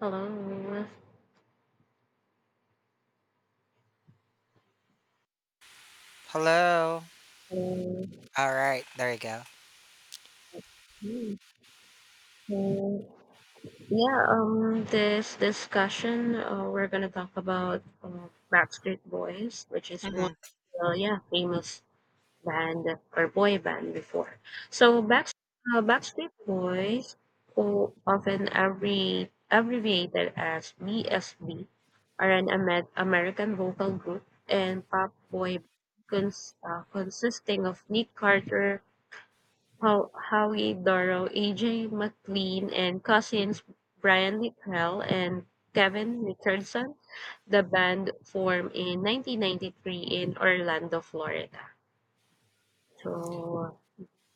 Hello. Hello. Hello. All right, there you go. Mm, So, yeah, this discussion, we're gonna talk about Backstreet Boys, which is one, hmm yeah, famous band or boy band before. So, Backstreet Boys, who often abbreviated as BSB, are an American vocal group and pop boy band consisting of Nick Carter, Howie Doro, AJ McLean, and cousins Brian Littrell and Kevin Richardson. The band formed in 1993 in Orlando, Florida. So,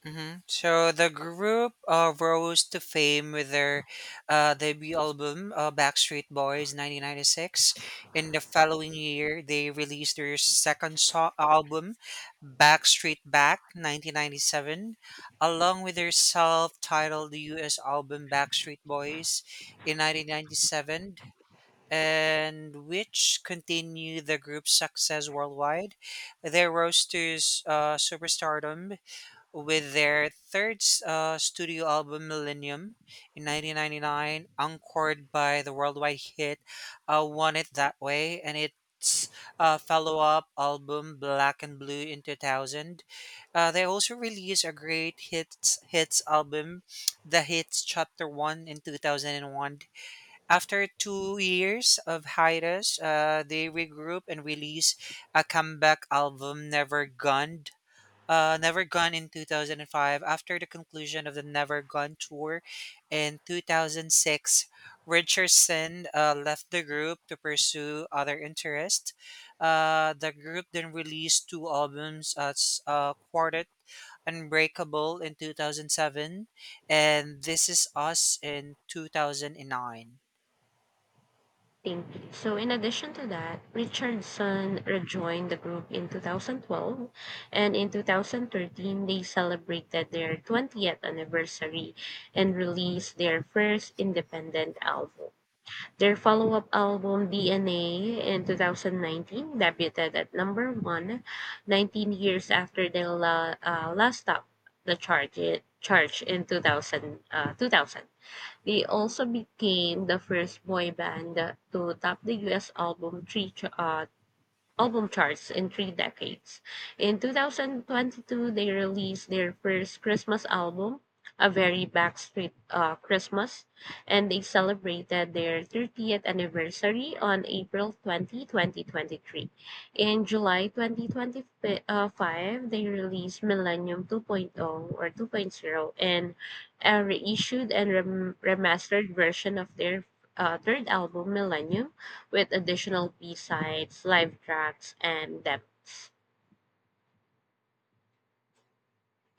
So the group rose to fame with their debut album, Backstreet Boys, 1996. In the following year, they released their second album, Backstreet Back, 1997, along with their self-titled U.S. album, Backstreet Boys, in 1997, and which continue the group's success worldwide. Their rose to superstardom with their third studio album, Millennium, in 1999, encored by the worldwide hit "Want It That Way," and its follow-up album, Black and Blue, in 2000. They also released a great hits album, The Hits Chapter One, in 2001. After 2 years of hiatus, they regroup and release a comeback album, Never Gone. Never Gone in 2005. After the conclusion of the Never Gone tour in 2006, Richardson left the group to pursue other interests. The group then released two albums as Quartet Unbreakable in 2007 and This Is Us in 2009. think so. In addition to that, Richardson rejoined the group in 2012, and in 2013 they celebrated their 20th anniversary and released their first independent album. Their follow-up album "DNA" in 2019 debuted at number one, 19 years after they last topped the chart I- charge in 2000. They also became the first boy band to top the US album album charts in 3 decades. In 2022, they released their first Christmas album, "A Very Backstreet Christmas," and they celebrated their 30th anniversary on April 20th, 2023. In July 2025, they released Millennium 2.0, and a reissued and remastered version of their third album, Millennium, with additional B-sides, live tracks, and depths.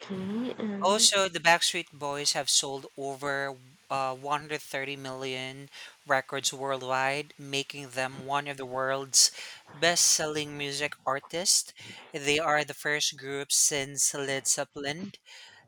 Okay, um, Also, the Backstreet Boys have sold over 130 million records worldwide, making them one of the world's best selling music artists. They are the first group since Led Zeppelin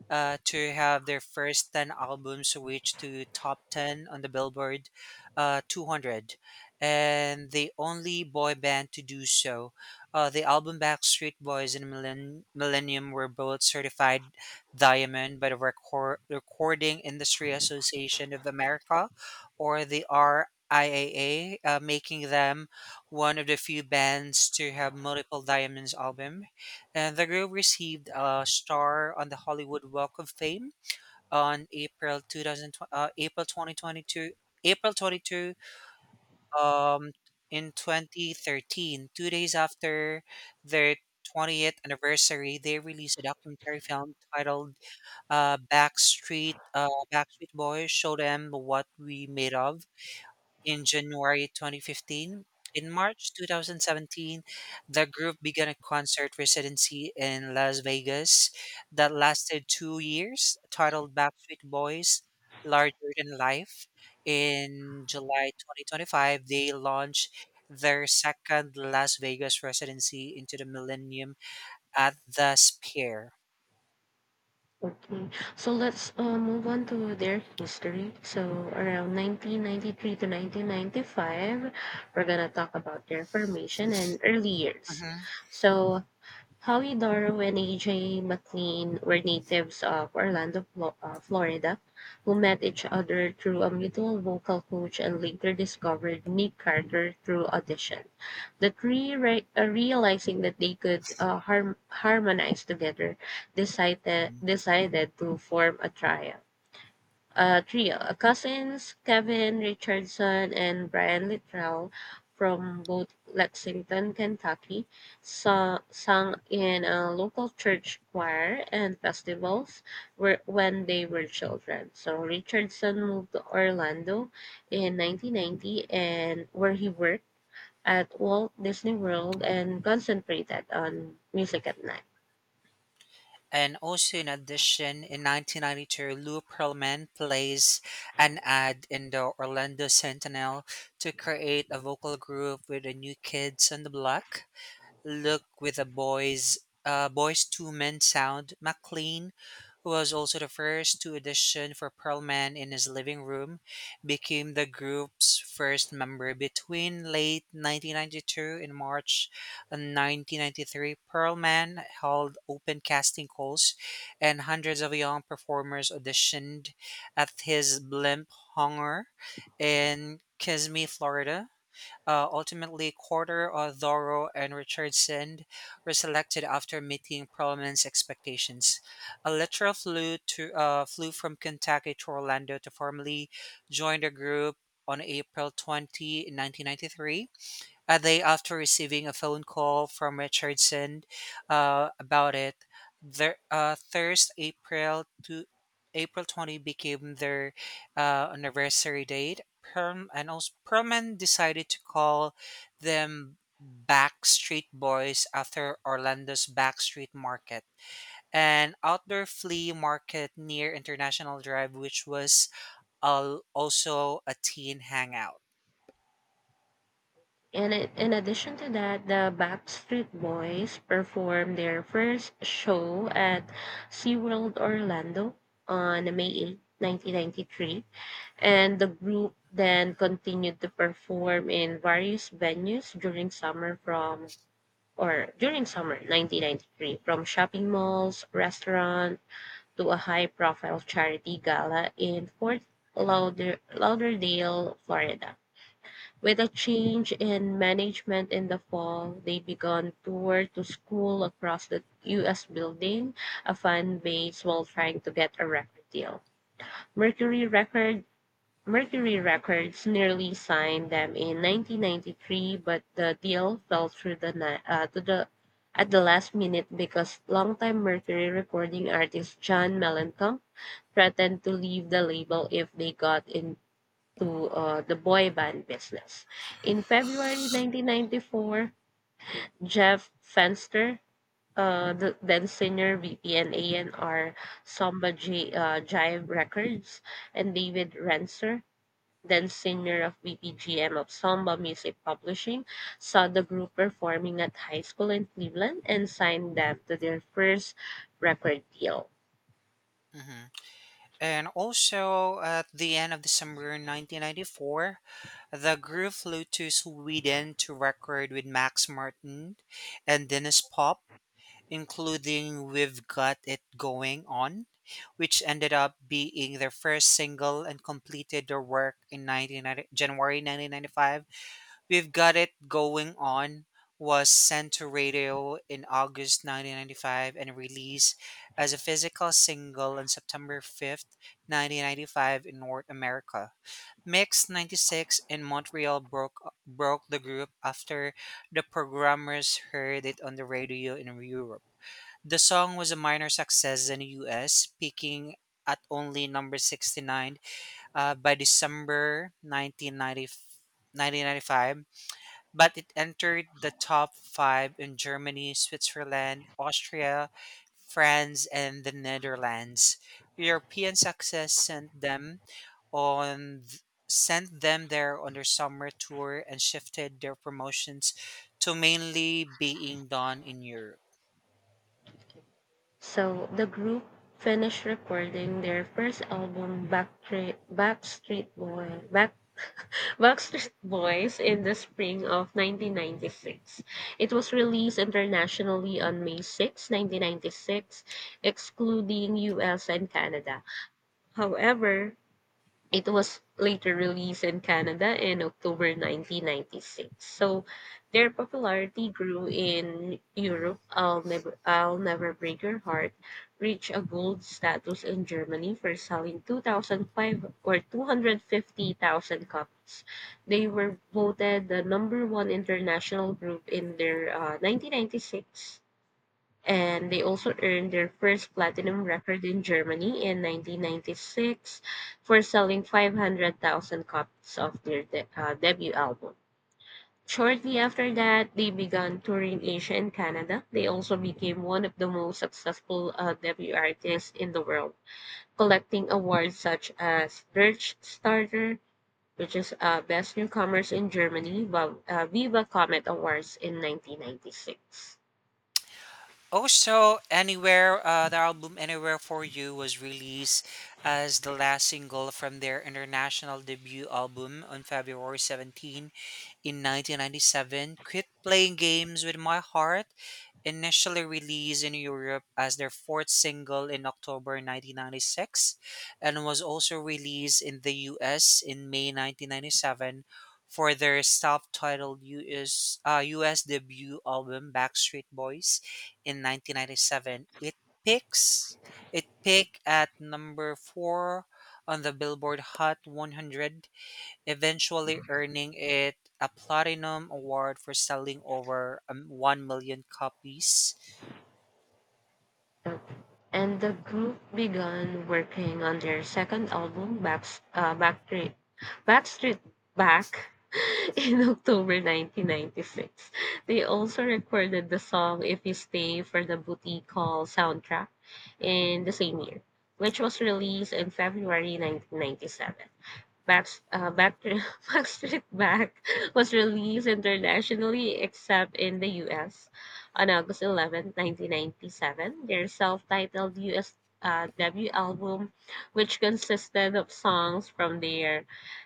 to have their first 10 albums reach to top 10 on the Billboard 200, and the only boy band to do so. The album Backstreet Boys and Millennium were both certified diamond by the Recording Industry Association of America, or the RIAA, making them one of the few bands to have multiple diamonds album, and the group received a star on the Hollywood Walk of Fame on April 2022, April 22, um, in 2013, 2 days after their 20th anniversary. They released a documentary film titled Backstreet Boys Show Them What We Made Of in January 2015. In March 2017, the group began a concert residency in Las Vegas that lasted 2 years, titled Backstreet Boys Larger Than Life. In July 2025, they launched their second Las Vegas residency into the millennium at the Sphere. okay. So let's move on to their history. So around 1993 to 1995, we're gonna talk about their formation and early years. Mhm. So Howie Darrow and AJ McLean were natives of Orlando, Florida, who met each other through a mutual vocal coach and later discovered Nick Carter through audition. Realizing that they could harmonize together, decided to form a trio. A trio: cousins Kevin Richardson and Brian Littrell, from both Lexington, Kentucky, sang in a local church choir and festivals when they were children. So Richardson moved to Orlando in 1990, and where he worked at Walt Disney World and concentrated on music at night. And also, in addition, in 1992, Lou Pearlman plays an ad in the Orlando Sentinel to create a vocal group with the New Kids on the Block look with a boys two men sound. Mclean was also the first to audition for Pearlman in his living room, became the group's first member between late 1992 and March 1993. Pearlman held open casting calls, and hundreds of young performers auditioned at his blimp hangar in Kissimmee, Florida. Ultimately, Corder, Thoreau, and Richardson were selected after meeting Perelman's expectations. Electra flew from Kentucky to Orlando to formally join the group on April 20, 1993, a day after receiving a phone call from Richardson about it. Their Thursday, April 20 became their anniversary date. Perm and also Perman decided to call them Backstreet Boys after Orlando's Backstreet Market, an outdoor flea market near International Drive, which was also a teen hangout. In addition to that, the Backstreet Boys performed their first show at SeaWorld Orlando on May 8, 1993, and the group then continued to perform in various venues during summer 1993, from shopping malls, restaurants, to a high profile charity gala in Fort Lauderdale, Florida. With a change in management in the fall, they began tour to school across the US, building a fan base while trying to get a record deal. Mercury Record Mercury Records nearly signed them in 1993, but the deal fell through the ni- to the at the last minute, because longtime Mercury recording artist John Mellencamp threatened to leave the label if they got into the boy band business. In February 1994, Jeff Fenster, the then senior VP and A&R, Jive Records, and David Renser, then senior of BPGM of Samba Music Publishing, saw the group performing at high school in Cleveland and signed them to their first record deal. Mhm. And also, at the end of December 1994, the group flew to Sweden to record with Max Martin and Dennis Pop, including We've Got It Going On, which ended up being their first single, and completed their work in January 1995. We've Got It Going On was sent to radio in August 1995 and released as a physical single on September 5th, 1995 in North America. Mix 96 in Montreal broke the group after the programmers heard it on the radio in Europe. The song was a minor success in the US, peaking at only number 69 by December 1995, but it entered the top five in Germany, Switzerland, Austria, France, and the Netherlands. European success on th- sent them there on their summer tour and shifted their promotions to mainly being done in Europe. So the group finished recording their first album, Backstreet Boys, in the spring of 1996. It was released internationally on May 6, 1996, excluding US and Canada. However, it was later released in Canada in October 1996. So their popularity grew in Europe. "I'll Never Break Your Heart" reached a gold status in Germany for selling 2,005 or 250,000 copies. They were voted the number one international group in their 1996, and they also earned their first platinum record in Germany in 1996 for selling 500,000 copies of their debut album. Shortly after that, they began touring Asia and Canada. They also became one of the most successful debut artists in the world, collecting awards such as Starter, which is Best Newcomers in Germany, Viva Comet Awards in 1996. Also, the album Anywhere for You was released as the last single from their international debut album on February 17 in 1997. Quit Playing Games with My Heart, initially released in Europe as their fourth single in October 1996, and was also released in the US in May 1997 for their self titled US debut album Backstreet Boys in 1997. Peaks it peaked at number 4 on the Billboard Hot 100, eventually earning it a platinum award for selling over 1 million copies. Uh, and the group began working on their second album, uh, Backstreet, Backstreet Back, in October 1996. They also recorded the song "If You Stay" for the Booty Call soundtrack in the same year, which was released in February 1997. Backstreet Back was released internationally except in the US on August 11th, 1997. Their self titled US debut album, which consisted of songs from their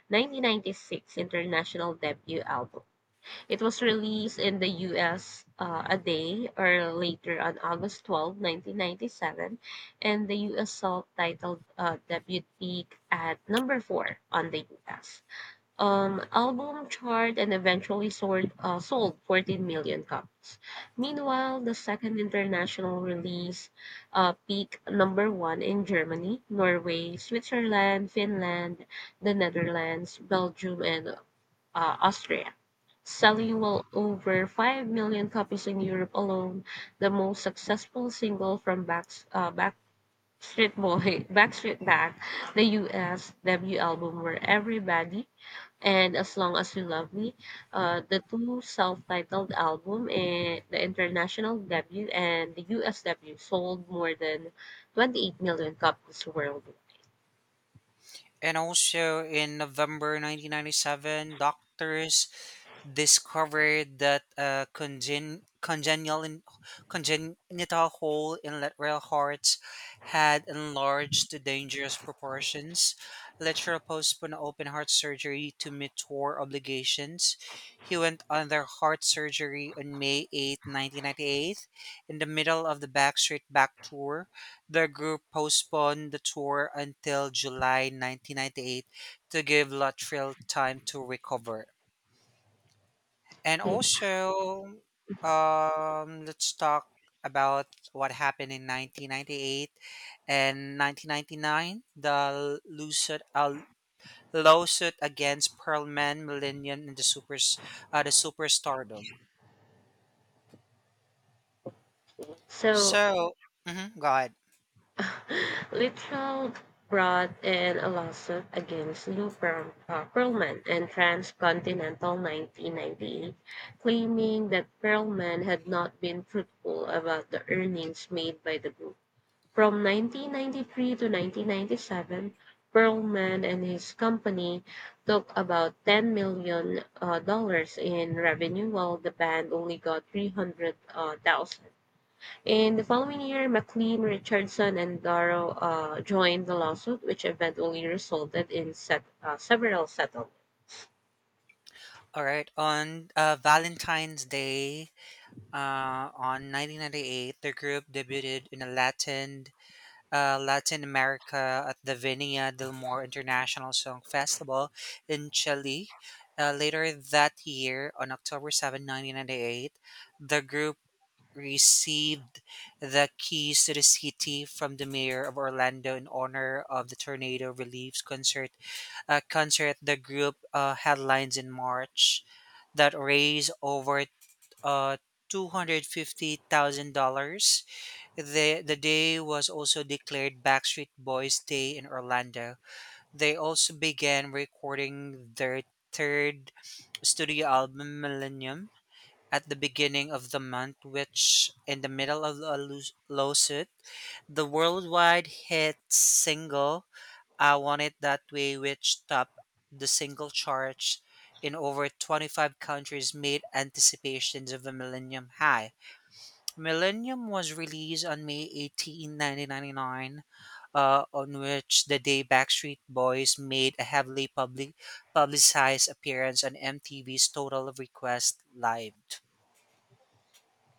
1996 international debut album, It was released in the US a day or later on August 12th, nineteen 1997, and the US self-titled debut peaked at number 4 on the US album chart and eventually sold 14 million copies. Meanwhile, the second international release peaked number 1 in Germany, Norway, Switzerland, Finland, the Netherlands, Belgium, and Austria, selling well over 5 million copies in Europe alone. The most successful single from Backstreet Back, the US debut album, "Where Everybody" and "As Long As You Love Me," the two self-titled album and the international debut and the US debut sold more than 28 million copies worldwide. And also in November 1997, doctors discovered that congenital hole in lateral hearts had enlarged to dangerous proportions. Literal postponed open heart surgery to meet tour obligations. He went under heart surgery on May 8, 1998, in the middle of the Backstreet Back tour. The group postponed the tour until July 1998 to give Luttrell time to recover. And Okay. also, let's talk about what happened in 1998 and 1999, the lawsuit against Pearlman, Millennium, and the superstardom. So So, mhm, go ahead. Littrell brought in a lawsuit against Lou Pearlman and Transcontinental 1998, claiming that Pearlman had not been truthful about the earnings made by the group. From 1993 to 1997, Pearlman and his company took about $10 million dollars in revenue, while the band only got 300,000. In the following year, McLean, Richardson, and Darrow joined the lawsuit, which eventually resulted in several settlements. All right, on Valentine's Day, on 1998, the group debuted in a Latin Latin America at the Vinia del Mar International Song Festival in Chile. Later that year, on October 7, 1998, the group received the keys to the city from the mayor of Orlando in honor of the tornado relief concert. Concert the group headlines in March that raised over uh, $250,000. The, day was also declared Backstreet Boys Day in Orlando. They also began recording their third studio album, Millennium, at the beginning of the month, which, in the middle of a lawsuit, the worldwide hit single, I Want It That Way, which topped the single charts in over 25 countries, made anticipations of a Millennium high. Millennium was released on May 18, 1999, on which the day Backstreet Boys made a heavily publicized appearance on MTV's Total Request Live.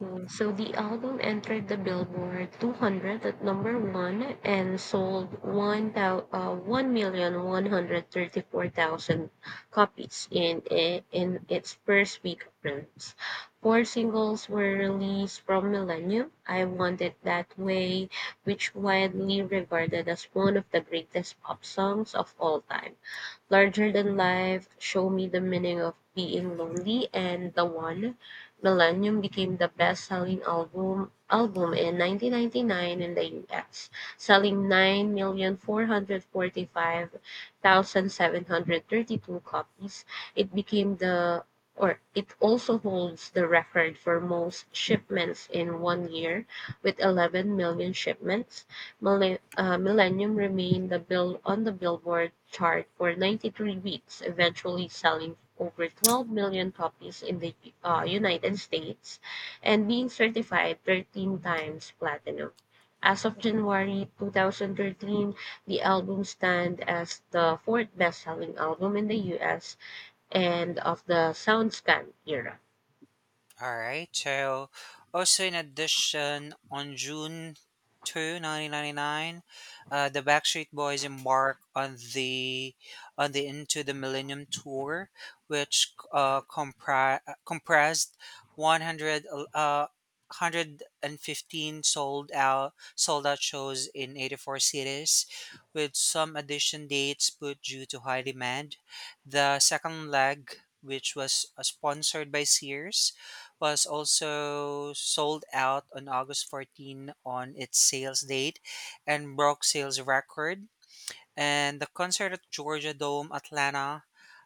So the album entered the Billboard 200 at number one and sold 1,134,000 copies in its first week of release. Four singles were released from Millennium: "I Want It That Way," which widely regarded as one of the greatest pop songs of all time, "Larger Than Life," "Show Me the Meaning of Being Lonely," and "The One." Millennium became the best-selling album in 1999 in the US, selling 9,445,732 copies. It became the it also holds the record for most shipments in one year, with 11 million shipments. Millennium remained the bill on the Billboard chart for 93 weeks, eventually selling over 12 million copies in the United States and being certified 13 times platinum. As of January 2013, the album stands as the fourth best-selling album in the US and of the SoundScan era. All right. So, also in addition, on June 2, 1999, the Backstreet Boys embark on the Into the Millennium tour, which compressed 100 uh, 115 sold out shows in 84 cities, with some addition dates put due to high demand. The second leg, which was sponsored by Sears, was also sold out on August 14 on its sales date and broke sales record. And the concert at Georgia Dome, Atlanta,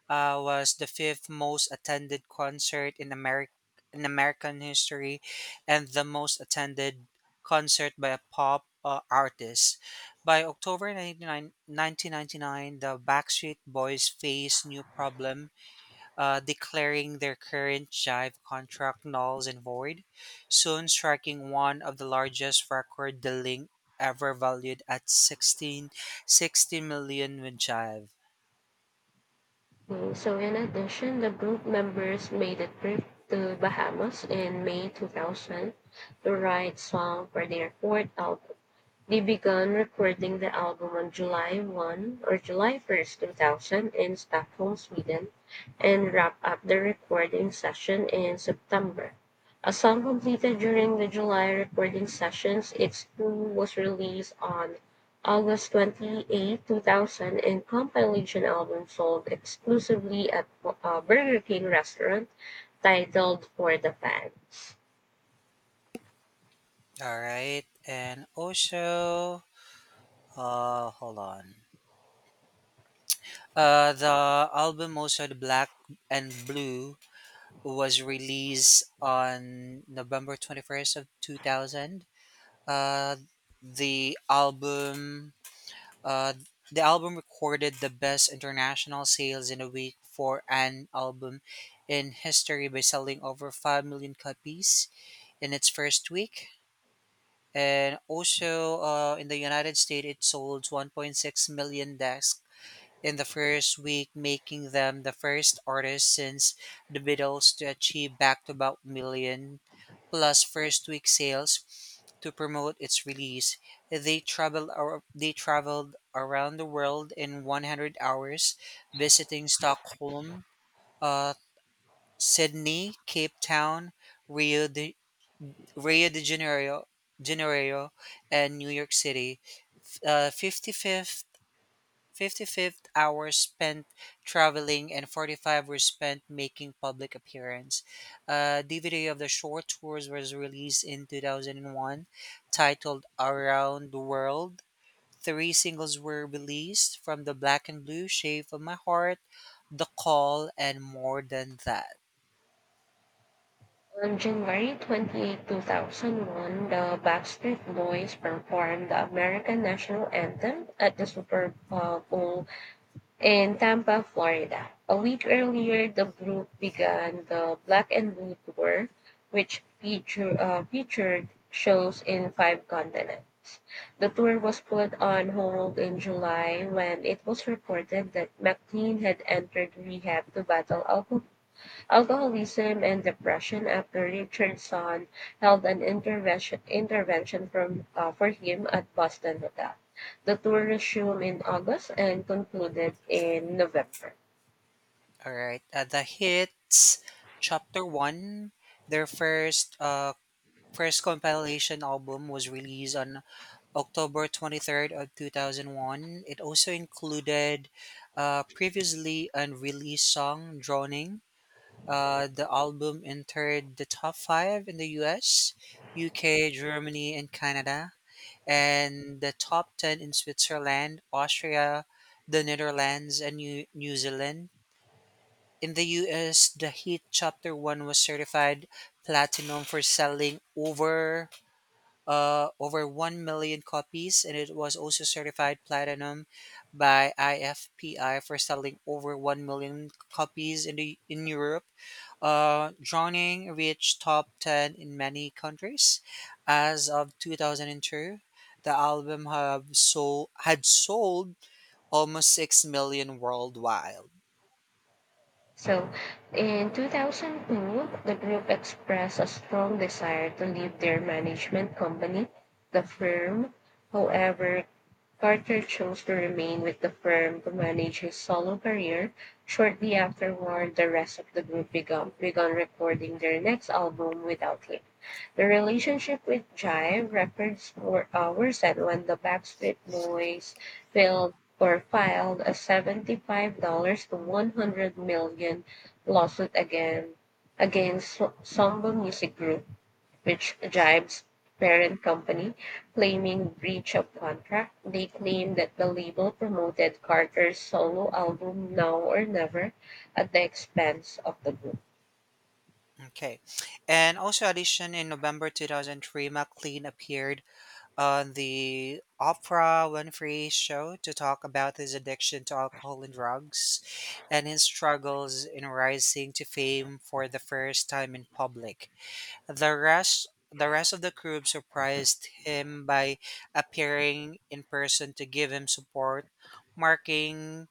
was the fifth most attended concert in American history, and the most attended concert by a pop artist. By October 99 1999, the Backstreet Boys faced new problem, declaring their current Jive contract null and void, soon striking one of the largest record dealing ever valued at 60 million with Jive. So, in addition, the group members made a trip to Bahamas in May 2000 to write song for their fourth album. They began recording the album on July 1, or July 1st, 2000, in Stockholm, Sweden, and wrapped up the recording session in September. A song completed during the July recording sessions, "It's Blue," was released on August 28, 2000, and compilation album sold exclusively at a Burger King restaurant, titled "For the Fans." All right, and also, hold on. The album also, the Black and Blue, was released on November 21st of 2000. Uh, the album Uh, the album recorded the best international sales in a week for an album in history by selling over 5 million copies in its first week. And also in the United States, it sold 1.6 million discs in the first week, making them the first artist since the Beatles to achieve back to back million plus first week sales. To promote its release, they they traveled around the world in 100 hours, visiting Stockholm, uh, Sydney, Cape Town, Rio de Rio de Janeiro, Janeiro, and New York City. Uh, 55th Fifty fifth hours spent traveling, and 45 were spent making public appearance. A DVD of the short tours was released in 2001, titled Around the World. Three singles were released from the Black and Blue: Shape of My Heart, The Call, and More Than That. On January 28, 2001, the Backstreet Boys performed the American National Anthem at the Super Bowl in Tampa, Florida. A week earlier, the group began the Black and Blue Tour, which featured shows in five continents. The tour was put on hold in July when it was reported that McLean had entered rehab to battle alcoholism, and depression, after Richardson held an intervention for him at Boston Hotel. The tour resumed in August and concluded in November. All right, the hits, Chapter One, their first compilation album, was released on October 23rd of 2001. It also included a previously unreleased song, Droning. The album entered the top five in the US, UK, Germany, and Canada, and the top 10 in Switzerland, Austria, the Netherlands, and New Zealand. In the US, the hit Chapter 1 was certified platinum for selling over 1 million copies, and it was also certified platinum by IFPI for selling over 1 million copies in Europe. Drowning reached top 10 in many countries. As of 2002, the album have sold, had sold almost 6 million worldwide. So, in 2002, the group expressed a strong desire to leave their management company, the firm. However, Carter chose to remain with the firm to manage his solo career. Shortly afterward, the rest of the group began recording their next album without him. The relationship with Jive Records were worsened when the Backstreet Boys filed filed a $75 to 100 million lawsuit against Samba Music Group, which Jive's parent company, claiming breach of contract. They claim that the label promoted Carter's solo album "Now or Never" at the expense of the group. Okay. And also addition in November 2003, McLean appeared on the Oprah Winfrey show to talk about his addiction to alcohol and drugs and his struggles in rising to fame for the first time in public. The rest of the crew surprised him by appearing in person to give him support, marking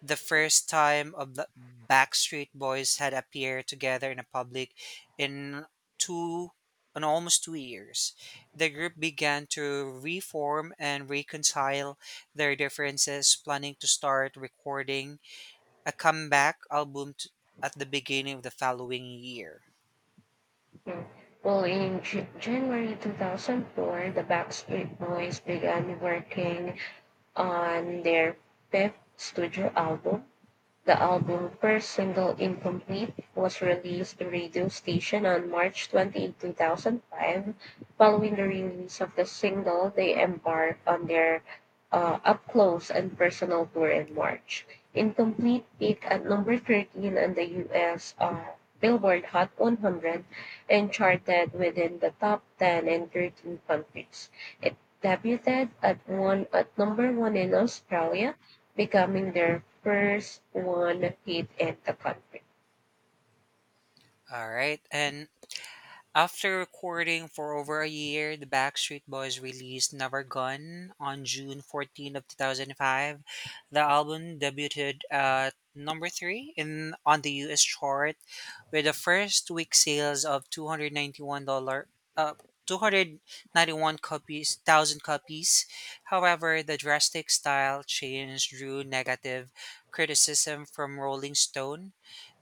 the first time of the Backstreet Boys had appeared together in a public in two in almost 2 years. The group began to reform and reconcile their differences, planning to start recording a comeback album at the beginning of the following year. Yeah. Well, in January 2004, the Backstreet Boys began working on their fifth studio album. The album first single "Incomplete" was released to radio station on March 28, 2005. Following the release of the single, they embarked on their Up Close and Personal tour in March. "Incomplete" peaked at number 13 on the US Billboard Hot 100 and charted within the top 10 in 13 countries. It debuted at one at number 1 in Australia, becoming their first one hit in the country. All right, and after recording for over a year, the Backstreet Boys released Never Gone on June 14 of 2005. The album debuted at number 3 in on the US chart with the first week sales of 291 dollar uh, 291 copies, 1,000 copies. However, the drastic style change drew negative criticism from Rolling Stone.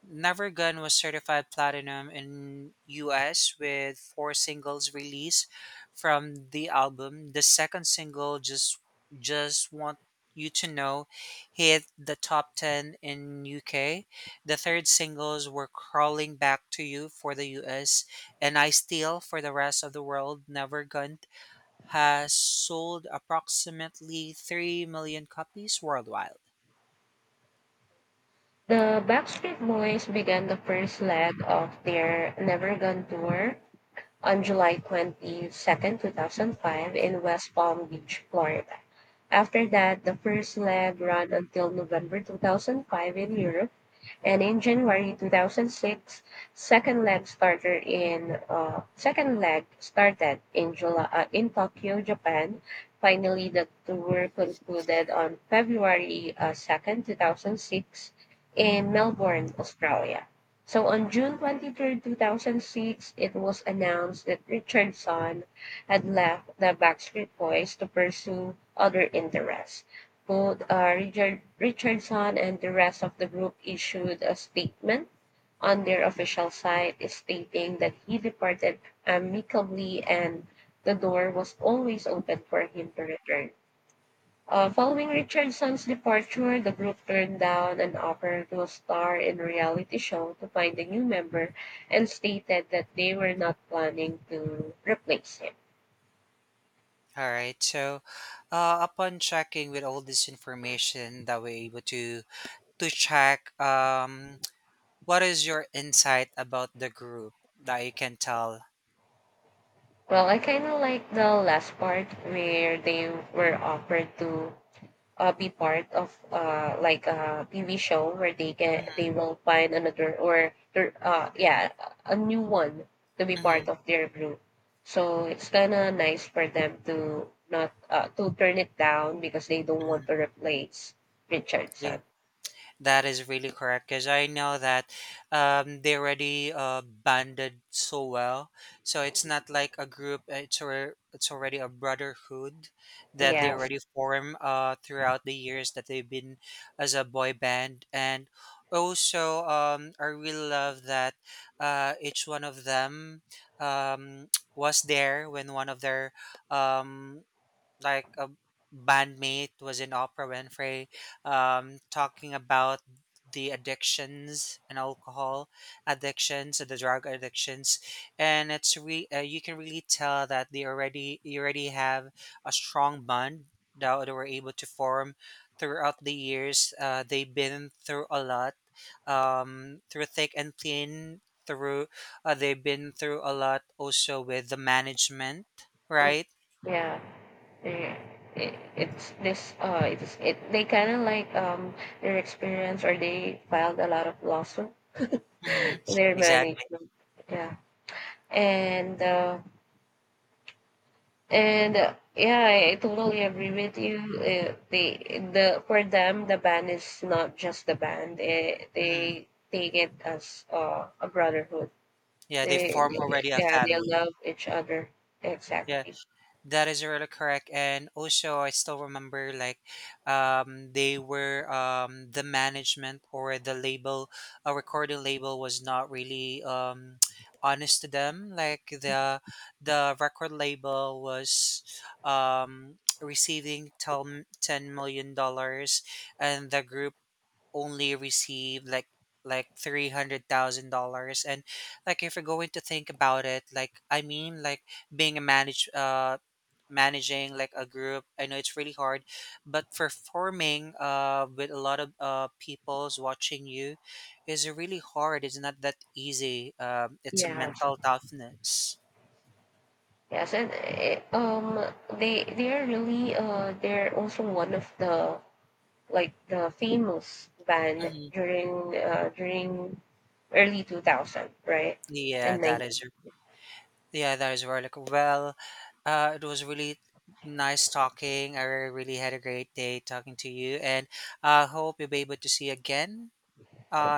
Never Gun was certified platinum in US, with four singles released from the album. The second single, Just Want You to Know, hit the top 10 in UK. The third singles were Crawling Back to You for the US and I Steal for the rest of the world. Never Gun has sold approximately 3 million copies worldwide. The Backstreet Boys began the first leg of their Never Gone tour on July 22, 2005, in West Palm Beach, Florida. After that, the first leg ran until November 2005 in Europe, and in January 2006, second leg started in second leg started in July, in Tokyo, Japan. Finally, the tour concluded on February 2nd, 2006, in Melbourne, Australia. So on June 23rd, 2006, it was announced that Richardson had left the Backstreet Boys to pursue other interests. Both Richardson and the rest of the group issued a statement on their official site stating that he departed amicably, and the door was always open for him to return. Following Richardson's departure, the group turned down an offer to star in a reality show to find a new member and stated that they were not planning to replace him. All right. So, upon checking with all this information that we're able to check, what is your insight about the group that you can tell? Well, I kind of like the last part where they were offered to be part of like a TV show where they will find another or their yeah, a new one to be Mm-hmm. part of their group. So it's kind of nice for them to not, to turn it down, because they don't want to replace hmm Richardson. That is really correct, because I know that they already banded so well. So it's not like a group; it's already a brotherhood that they Yes. already form throughout the years that they've been as a boy band. And also, I really love that each one of them, um, was there when one of their, um, like a bandmate, was in Oprah Winfrey, talking about the addictions and alcohol addictions and the drug addictions. And you can really tell that they already you already have a strong bond that they were able to form throughout the years. They've been through a lot, through thick and thin, through, they've been through a lot also with the management, Mm. right? Yeah. Yeah. It, it's this it's it they kind of like, their experience, or they filed a lot of lawsuit hmm their Exactly. management, yeah, and uh And, yeah, I totally agree with you. They the for them, the band is not just the band. They hmm they take it as a brotherhood. Yeah, they They form already a Yeah, they family. love each other, Yeah, exactly. that is really correct. And also, I still remember like, they were, the management or the label, a recording label, was not really, honest to them. Like the record label was, receiving 10 ten million dollars, and the group only received like $300,000. And like, if you're going to think about it, like I mean, like, being a manage managing like a group, I know it's really hard, but performing with a lot of people's watching you is really hard. It's not that easy. It's a Yeah. mental toughness. Yes, and they are really they're also one of the the famous band Mhm. during early 2000, right, yeah and like that is Yeah, that is right. Like, well, it was really nice talking. I really had a great day talking to you, and I hope you'll be able to see you again. Uh,